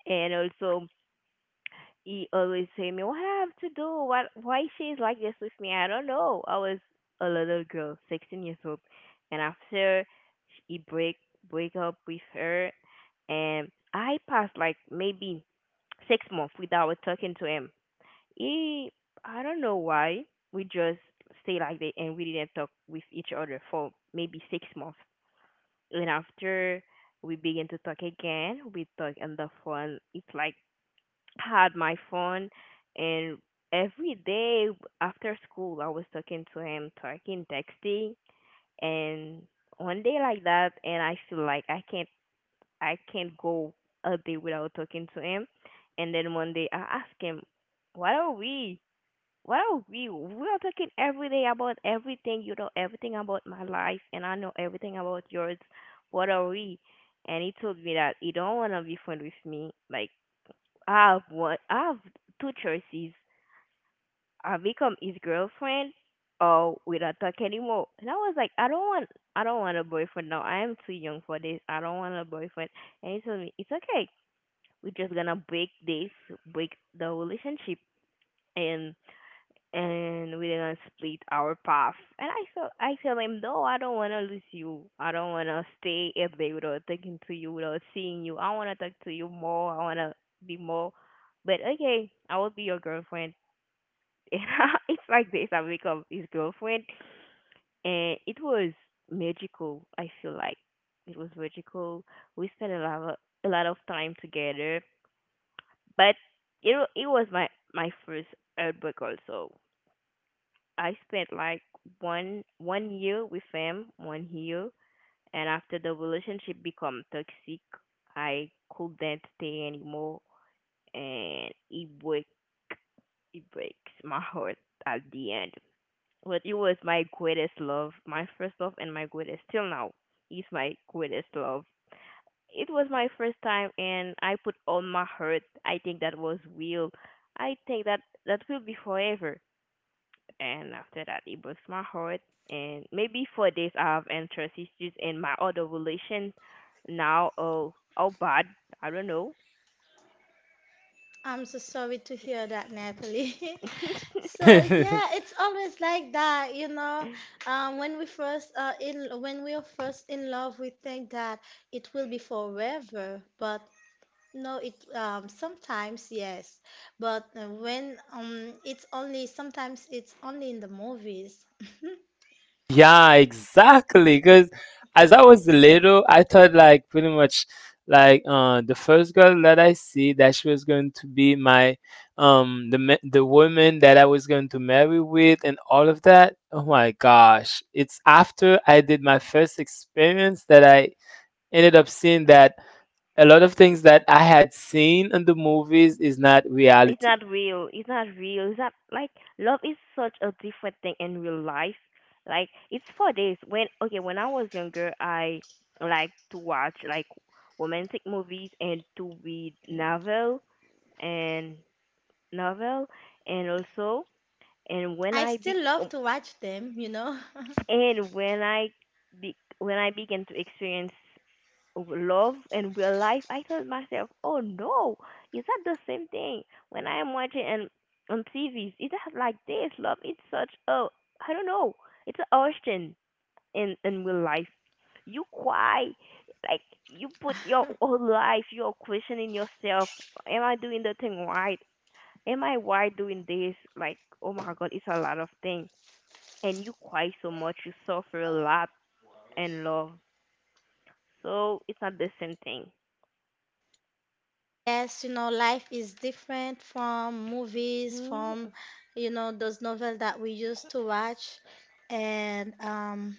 Speaker 2: And also, he always say me what I have to do, what, why she's like this with me. I don't know, I was a little girl 16 years old. And after he break up with her, and I passed like maybe 6 months without talking to him. He I don't know why, we just stay like that, and we didn't talk with each other for maybe 6 months. And after, we begin to talk again, we talk on the phone. It's like had my phone, and every day after school I was talking to him, talking, texting. And one day like that, and I feel like I can't go a day without talking to him. And then one day I asked him, what are we? What are we? We are talking every day about everything, you know everything about my life and I know everything about yours. What are we? And he told me that he don't wanna be friend with me. Like, I have one. I have two choices. I become his girlfriend, or we don't talk anymore. And I was like, I don't want. I don't want a boyfriend now. I am too young for this. I don't want a boyfriend. And he told me it's okay. We're just gonna break this, break the relationship, and and we're gonna split our path. And I, so I tell him, no, I don't wanna lose you. I don't wanna stay if they without talking to you, without seeing you. I wanna talk to you more. I wanna be more. But okay, I will be your girlfriend. [laughs] And it's like this. I become his girlfriend, and it was magical. I feel like it was magical. We spent a lot of time together, but it was my first heartbreak also. I spent like one one year with him, 1 year, and after the relationship become toxic, I couldn't stay anymore, and it breaks my heart at the end. But it was my greatest love, my first love, and my greatest till now is my greatest love. It was my first time, and I put all my heart. I think that was real. I think that that will be forever. And after that it breaks my heart. And maybe for this I have interest issues in my other relation now. Oh, oh, bad, I don't know.
Speaker 1: I'm so sorry to hear that, Natalie.
Speaker 2: [laughs]
Speaker 1: [laughs]
Speaker 2: It's
Speaker 1: So yeah,
Speaker 3: [laughs]
Speaker 1: it's always like that, you know. When we first in when we are first in love, we think that it will be forever, but no, it sometimes yes, but when it's only sometimes, it's only in the movies.
Speaker 3: Yeah, exactly. Because as I was little, I thought like pretty much like the first girl that I see that she was going to be my the woman that I was going to marry with and all of that. Oh my gosh! It's after I did my first experience that I ended up seeing that a lot of things that I had seen in the movies is not reality.
Speaker 2: not real, it's not real, it's not like love is such a different thing in real life. Like it's for days when, okay, when I was younger I like to watch, like, romantic movies and to read novel and novel and also. and when
Speaker 1: I
Speaker 2: I be
Speaker 1: still love to watch them, you know. [laughs]
Speaker 2: And when I be- when I began to experience love and real life, I told myself, "Oh no, is that the same thing?" When I am watching and on TVs, it's not like this. Love, it's such a I don't know. It's an ocean in real life. You cry, like, you put your whole life, you're questioning yourself. Am I doing the thing right? Am I right doing this? Like, oh my God, it's a lot of things, and you cry so much, you suffer a lot and love. So it's not the same thing.
Speaker 1: Yes, you know, life is different from movies,
Speaker 2: Mm,
Speaker 1: from, you know, those novels that we used to watch. And um,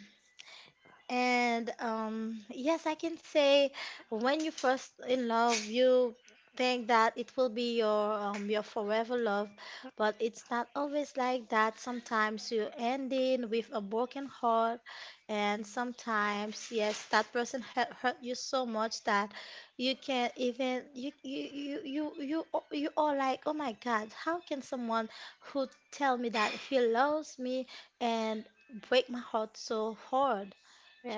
Speaker 1: and yes, I can say when you first in love, you think that it will be your forever love, but it's not always like that. Sometimes you end in with a broken heart, and sometimes yes, that person hurt, hurt you so much that you can't even you you are like, oh my God, how can someone who tell me that he loves me and break my heart so hard?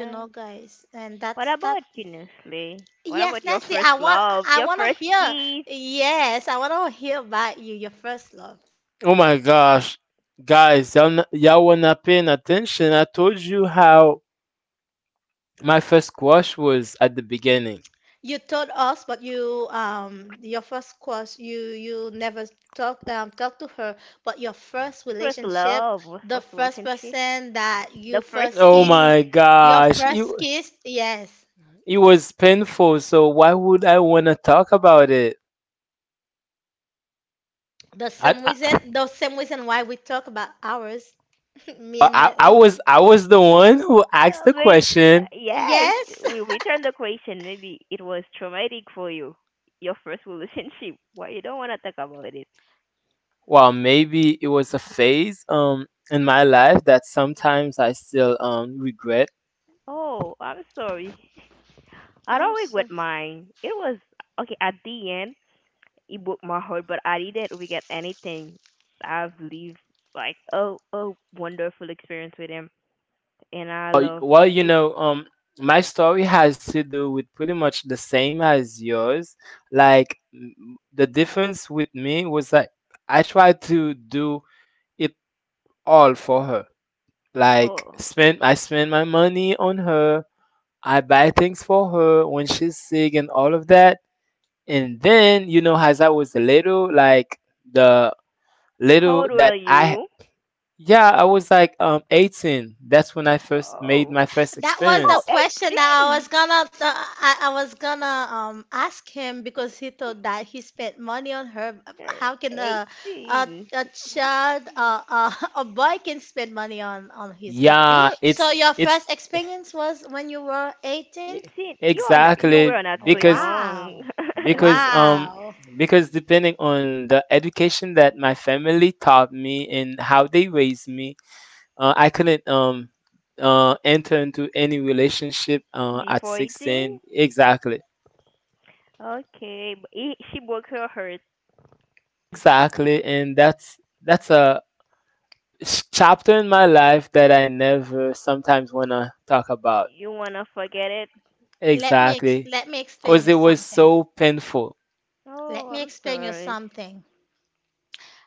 Speaker 1: You know, guys, and
Speaker 2: What
Speaker 1: that's that.
Speaker 2: about you, Nestle? What
Speaker 1: Yes,
Speaker 2: about your
Speaker 1: Leslie,
Speaker 2: first
Speaker 1: I want,
Speaker 2: love?
Speaker 1: I
Speaker 2: Your
Speaker 1: want to
Speaker 2: first
Speaker 1: hear.
Speaker 2: kiss?
Speaker 1: Yes, I want to hear about you, your first love.
Speaker 3: Oh my gosh, guys, y'all were not paying attention. I told you how my first squash was at the beginning.
Speaker 1: You told us, but you your first course, you never talk, talk to her, but your first
Speaker 2: First
Speaker 1: relationship,
Speaker 2: love? Was
Speaker 1: the
Speaker 2: first
Speaker 1: first
Speaker 2: relationship?
Speaker 1: person that you
Speaker 2: The first
Speaker 1: first
Speaker 3: Oh
Speaker 1: kissed.
Speaker 2: kiss?
Speaker 3: my
Speaker 1: Your
Speaker 3: gosh,
Speaker 1: first kiss, yes.
Speaker 3: it was painful. So why would I want to talk about it?
Speaker 1: The
Speaker 3: I,
Speaker 1: same
Speaker 3: I
Speaker 1: reason, the same reason why we talk about ours. [laughs] Me and Nelly.
Speaker 3: I was the one who asked the
Speaker 2: Maybe,
Speaker 3: question.
Speaker 2: yes,
Speaker 1: Yes.
Speaker 2: we return the question. Maybe it was traumatic for you. Your first [laughs] relationship. Why you don't want to talk about it?
Speaker 3: Well, maybe it was a phase in my life that sometimes I still regret.
Speaker 2: Oh, I'm sorry. [laughs]
Speaker 1: [laughs]
Speaker 2: I
Speaker 1: I'm
Speaker 2: don't
Speaker 1: so.
Speaker 2: regret mine. It was okay at the end. Ebook Mahal, but I didn't we get anything. I've lived like oh oh wonderful experience with him, and I
Speaker 3: Well,
Speaker 2: love
Speaker 3: well, you
Speaker 2: each.
Speaker 3: know, my story has to do with pretty much the same as yours. Like the difference with me was that I tried to do it all for her. Like
Speaker 2: Oh,
Speaker 3: spend I spend my money on her. I buy things for her when she's sick and all of that. And then, you know, as I was little, like the
Speaker 2: how
Speaker 3: little
Speaker 2: old were
Speaker 3: that I,
Speaker 2: you?
Speaker 3: yeah, I was like 18. That's when I first made my
Speaker 2: Oh,
Speaker 3: first
Speaker 1: That was the
Speaker 2: oh,
Speaker 3: experience.
Speaker 1: question that I
Speaker 2: 18.
Speaker 1: was gonna I was gonna ask him, because he thought that he spent money on her.
Speaker 2: You're
Speaker 1: How can
Speaker 2: 18.
Speaker 1: a child, [laughs] a boy can spend money on his girlfriend?
Speaker 2: You
Speaker 3: Yeah,
Speaker 2: were
Speaker 1: So your
Speaker 3: it's
Speaker 1: first experience was when you were 18?
Speaker 2: 18. You are you
Speaker 3: exactly,
Speaker 2: were not
Speaker 1: Oh,
Speaker 2: so
Speaker 3: because
Speaker 1: wow.
Speaker 2: young. [laughs]
Speaker 3: because um
Speaker 1: Wow.
Speaker 3: because depending on the education that my family taught me and how they raised me, I couldn't enter into any relationship at
Speaker 2: Before
Speaker 3: 16.
Speaker 2: 18.
Speaker 3: Exactly.
Speaker 2: Okay, but he, she broke her heart.
Speaker 3: Exactly. And that's a chapter in my life that I never sometimes want to talk about.
Speaker 2: You wanna forget it?
Speaker 3: Exactly.
Speaker 1: Let me explain
Speaker 3: Cuz
Speaker 1: you
Speaker 3: it was
Speaker 1: something.
Speaker 3: so painful.
Speaker 1: Let
Speaker 2: Oh,
Speaker 1: me
Speaker 2: I'm
Speaker 1: explain you
Speaker 2: sorry.
Speaker 1: something.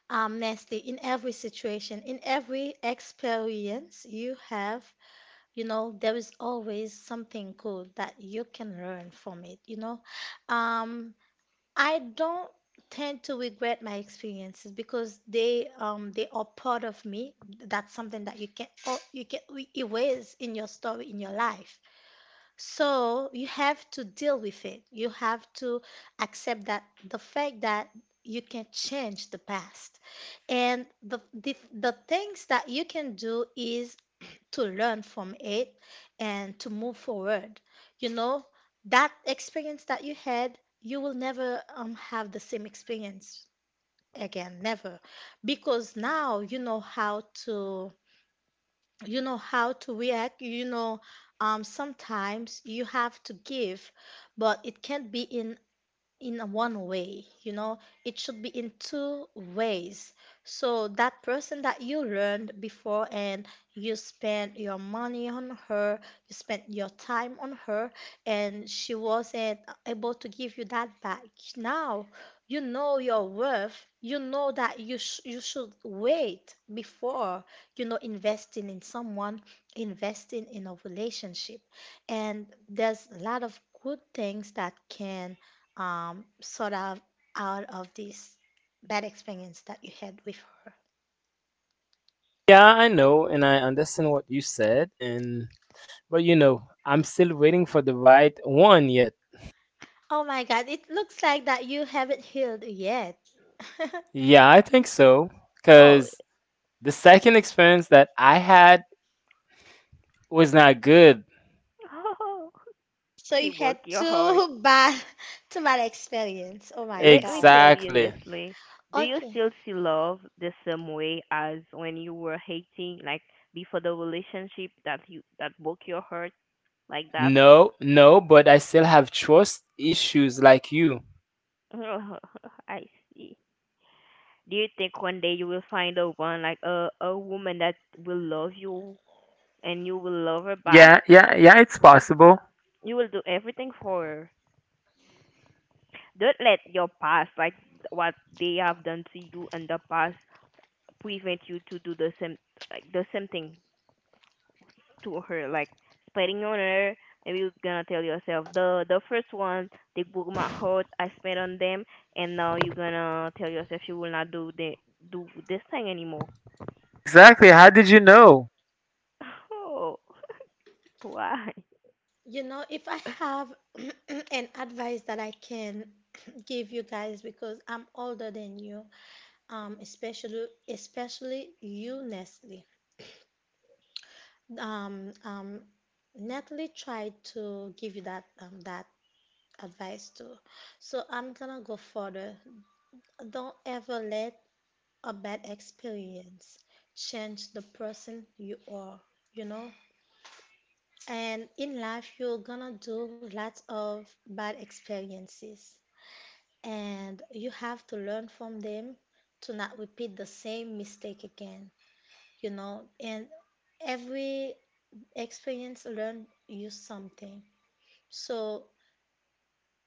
Speaker 1: Nesty, in every situation, in every experience you have, you know, there is always something good that you can learn from it, you know. Um i don't tend to regret my experiences because they are part of me. That's something that you can, oh, you can we erase in your story, in your life. So you have to deal with it. You have to accept that the fact that you can change the past, and the things that you can do is to learn from it and to move forward. You know, that experience that you had, you will never have the same experience again, never. Because now you know how to, you know how to react, you know, sometimes you have to give, but it can't be in a one way, you know. It should be in two ways. So that person that you learned before, and you spent your money on her, you spent your time on her, and she wasn't able to give you that back. Now you know your worth. You know that you should wait before, you know, investing in someone, investing in a relationship. And there's a lot of good things that can sort of out of this bad experience that you had with her.
Speaker 3: Yeah, I know and I understand what you said, and but you know, I'm still waiting for the right one yet.
Speaker 1: Oh my God, it looks like that you haven't healed yet. [laughs]
Speaker 3: Yeah, I think so,
Speaker 2: Oh.
Speaker 3: cuz the second experience that I had was not good.
Speaker 2: [laughs]
Speaker 1: So you
Speaker 2: She
Speaker 1: had
Speaker 2: broke your heart.
Speaker 1: two bad, [laughs] two bad experience. Oh my
Speaker 2: Let me
Speaker 1: God.
Speaker 2: tell you
Speaker 3: Exactly.
Speaker 2: honestly, do you
Speaker 1: Okay.
Speaker 2: still see love the same way as when you were hating, like before the relationship that you that broke your heart like that?
Speaker 3: No, no, but I still have trust issues like you.
Speaker 2: [laughs] I see. Do you think one day you will find a one like a woman that will love you and you will love her back?
Speaker 3: Yeah, yeah, yeah, it's possible.
Speaker 2: You will do everything for her. Don't let your past, like what they have done to you in the past, prevent you to do the same like the same thing to her, like spending on her. Maybe you're gonna tell yourself the first one they broke my heart. I spent on them, and now you're gonna tell yourself you will not do this thing anymore.
Speaker 3: Exactly. How did you know?
Speaker 2: [laughs] Oh, why?
Speaker 1: You know, if I have [clears throat] an advice that I can [clears throat] give you guys, because I'm older than you, especially you, Nestle. Um, um, Natalie tried to give you that that advice too. So I'm gonna go further. Don't ever let a bad experience change the person you are, you know? And in life, you're gonna do lots of bad experiences, and you have to learn from them to not repeat the same mistake again, you know? And every experience learn you something. So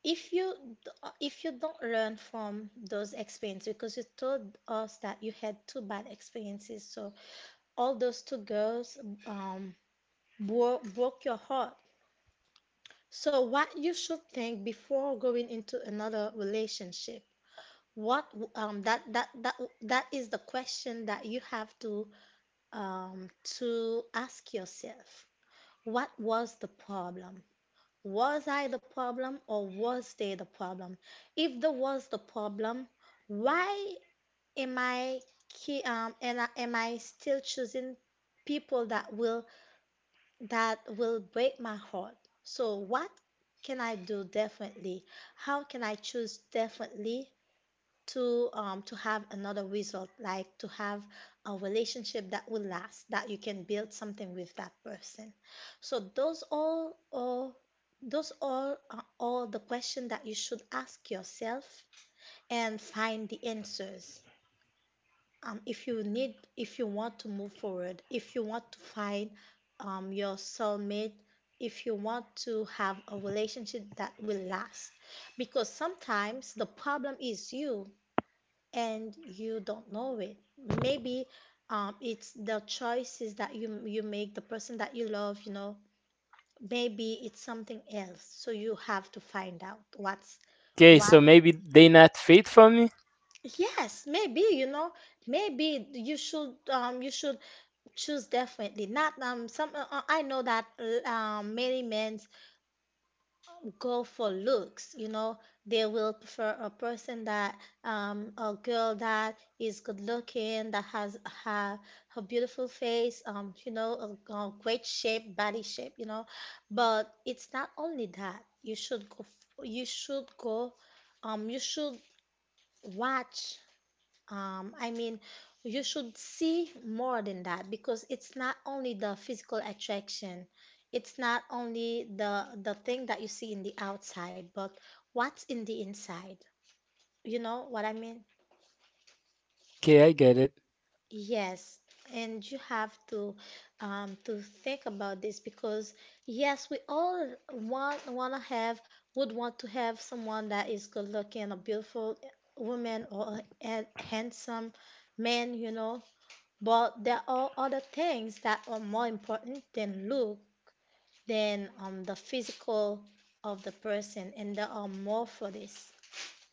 Speaker 1: if you if you don't learn from those experiences, because you told us that you had two bad experiences, so all those two girls um broke your heart. So what you should think before going into another relationship, what, um, that is the question that you have to ask yourself. What was the problem? Was I the problem or was they the problem? If the was the problem, why am I am I still choosing people that will, that will break my heart? So what can I do differently? How can I choose differently to have another result, like to have a relationship that will last, that you can build something with that person. So those all those all are all the questions that you should ask yourself and find the answers, if you need, if you want to move forward, if you want to find your soulmate, if you want to have a relationship that will last, because sometimes the problem is you, and you don't know it. Maybe it's the choices that you make, the person that you love, you know, maybe it's something else. So you have to find out what's
Speaker 3: Okay,
Speaker 1: what.
Speaker 3: so maybe they not fit for me?
Speaker 1: Yes, maybe, you know, maybe you should choose definitely not some, I know that many men go for looks, you know. They will prefer a person that a girl that is good looking, that has ha a beautiful face, you know, a great shape, body shape, you know. But it's not only that. You should go, you should watch, I mean, you should see more than that, because it's not only the physical attraction, it's not only the thing that you see in the outside, but what's in the inside. You know what I mean?
Speaker 3: Okay, I get it.
Speaker 1: Yes, and you have to, to think about this, because yes, we all want wanna have, would want to have someone that is good looking, a beautiful woman or a handsome man, you know. But there are other things that are more important than look, than, the physical of the person, and there are more for this.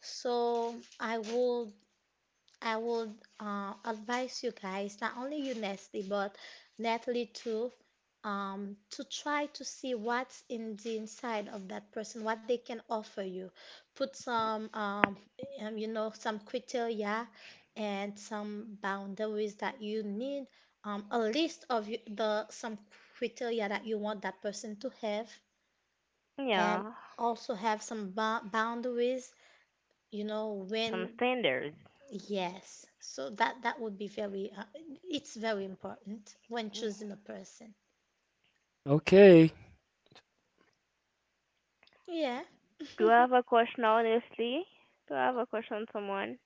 Speaker 1: So I would, advise you guys, not only you, Nestle, but Natalie too, to try to see what's in the inside of that person, what they can offer you. Put some, you know, some criteria and some boundaries that you need, a list of you- the some criteria that you want that person to have, and
Speaker 2: Yeah,
Speaker 1: also have some boundaries, you know,
Speaker 2: some
Speaker 1: when.
Speaker 2: standards.
Speaker 1: Yes, so that that would be very, it's very important when choosing a person.
Speaker 3: Okay.
Speaker 1: Yeah.
Speaker 2: Do you have a question, honestly? Do I have a question, someone?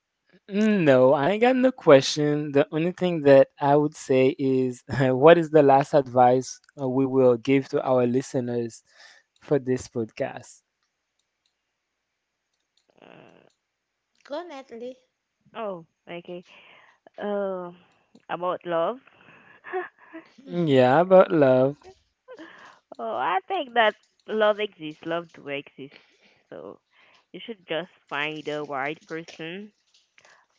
Speaker 3: Mm, no, I ain't got no question. The only thing that I would say is [laughs] what is the last advice we will give to our listeners for this podcast?
Speaker 2: Uh,
Speaker 1: [laughs] Go Natalie.
Speaker 2: oh, okay. Uh, about love. [laughs]
Speaker 3: Mm, yeah,
Speaker 1: [laughs]
Speaker 3: about love.
Speaker 2: Oh, I think that love exists, love do exist. So you should just find the right person,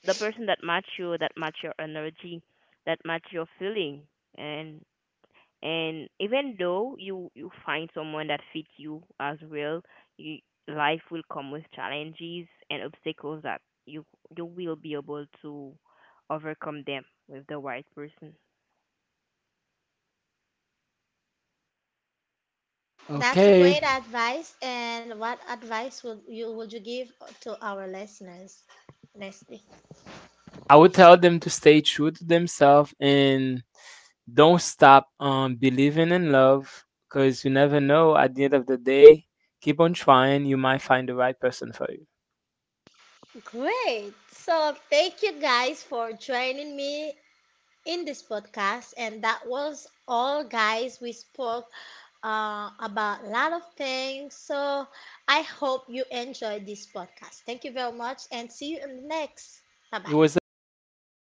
Speaker 2: the person that match you, that match your energy, that match your feeling, and and even though you find someone that fits you as well, you, life will come with challenges and obstacles that you will be able to overcome them with the right person.
Speaker 1: That's a
Speaker 3: Okay.
Speaker 1: great advice. And what advice would you give to our listeners, Natalie?
Speaker 3: I would tell them to stay true to themselves, and don't stop believing in love, because you never know. At the end of the day, keep on trying. You might find the right person for you.
Speaker 1: Great. So thank you guys for joining me in this podcast. And that was all, guys. We spoke about a lot of things. So I hope you enjoyed this podcast. Thank you very much and see you in the next. Bye
Speaker 3: It
Speaker 1: bye.
Speaker 3: was a pleasure for me.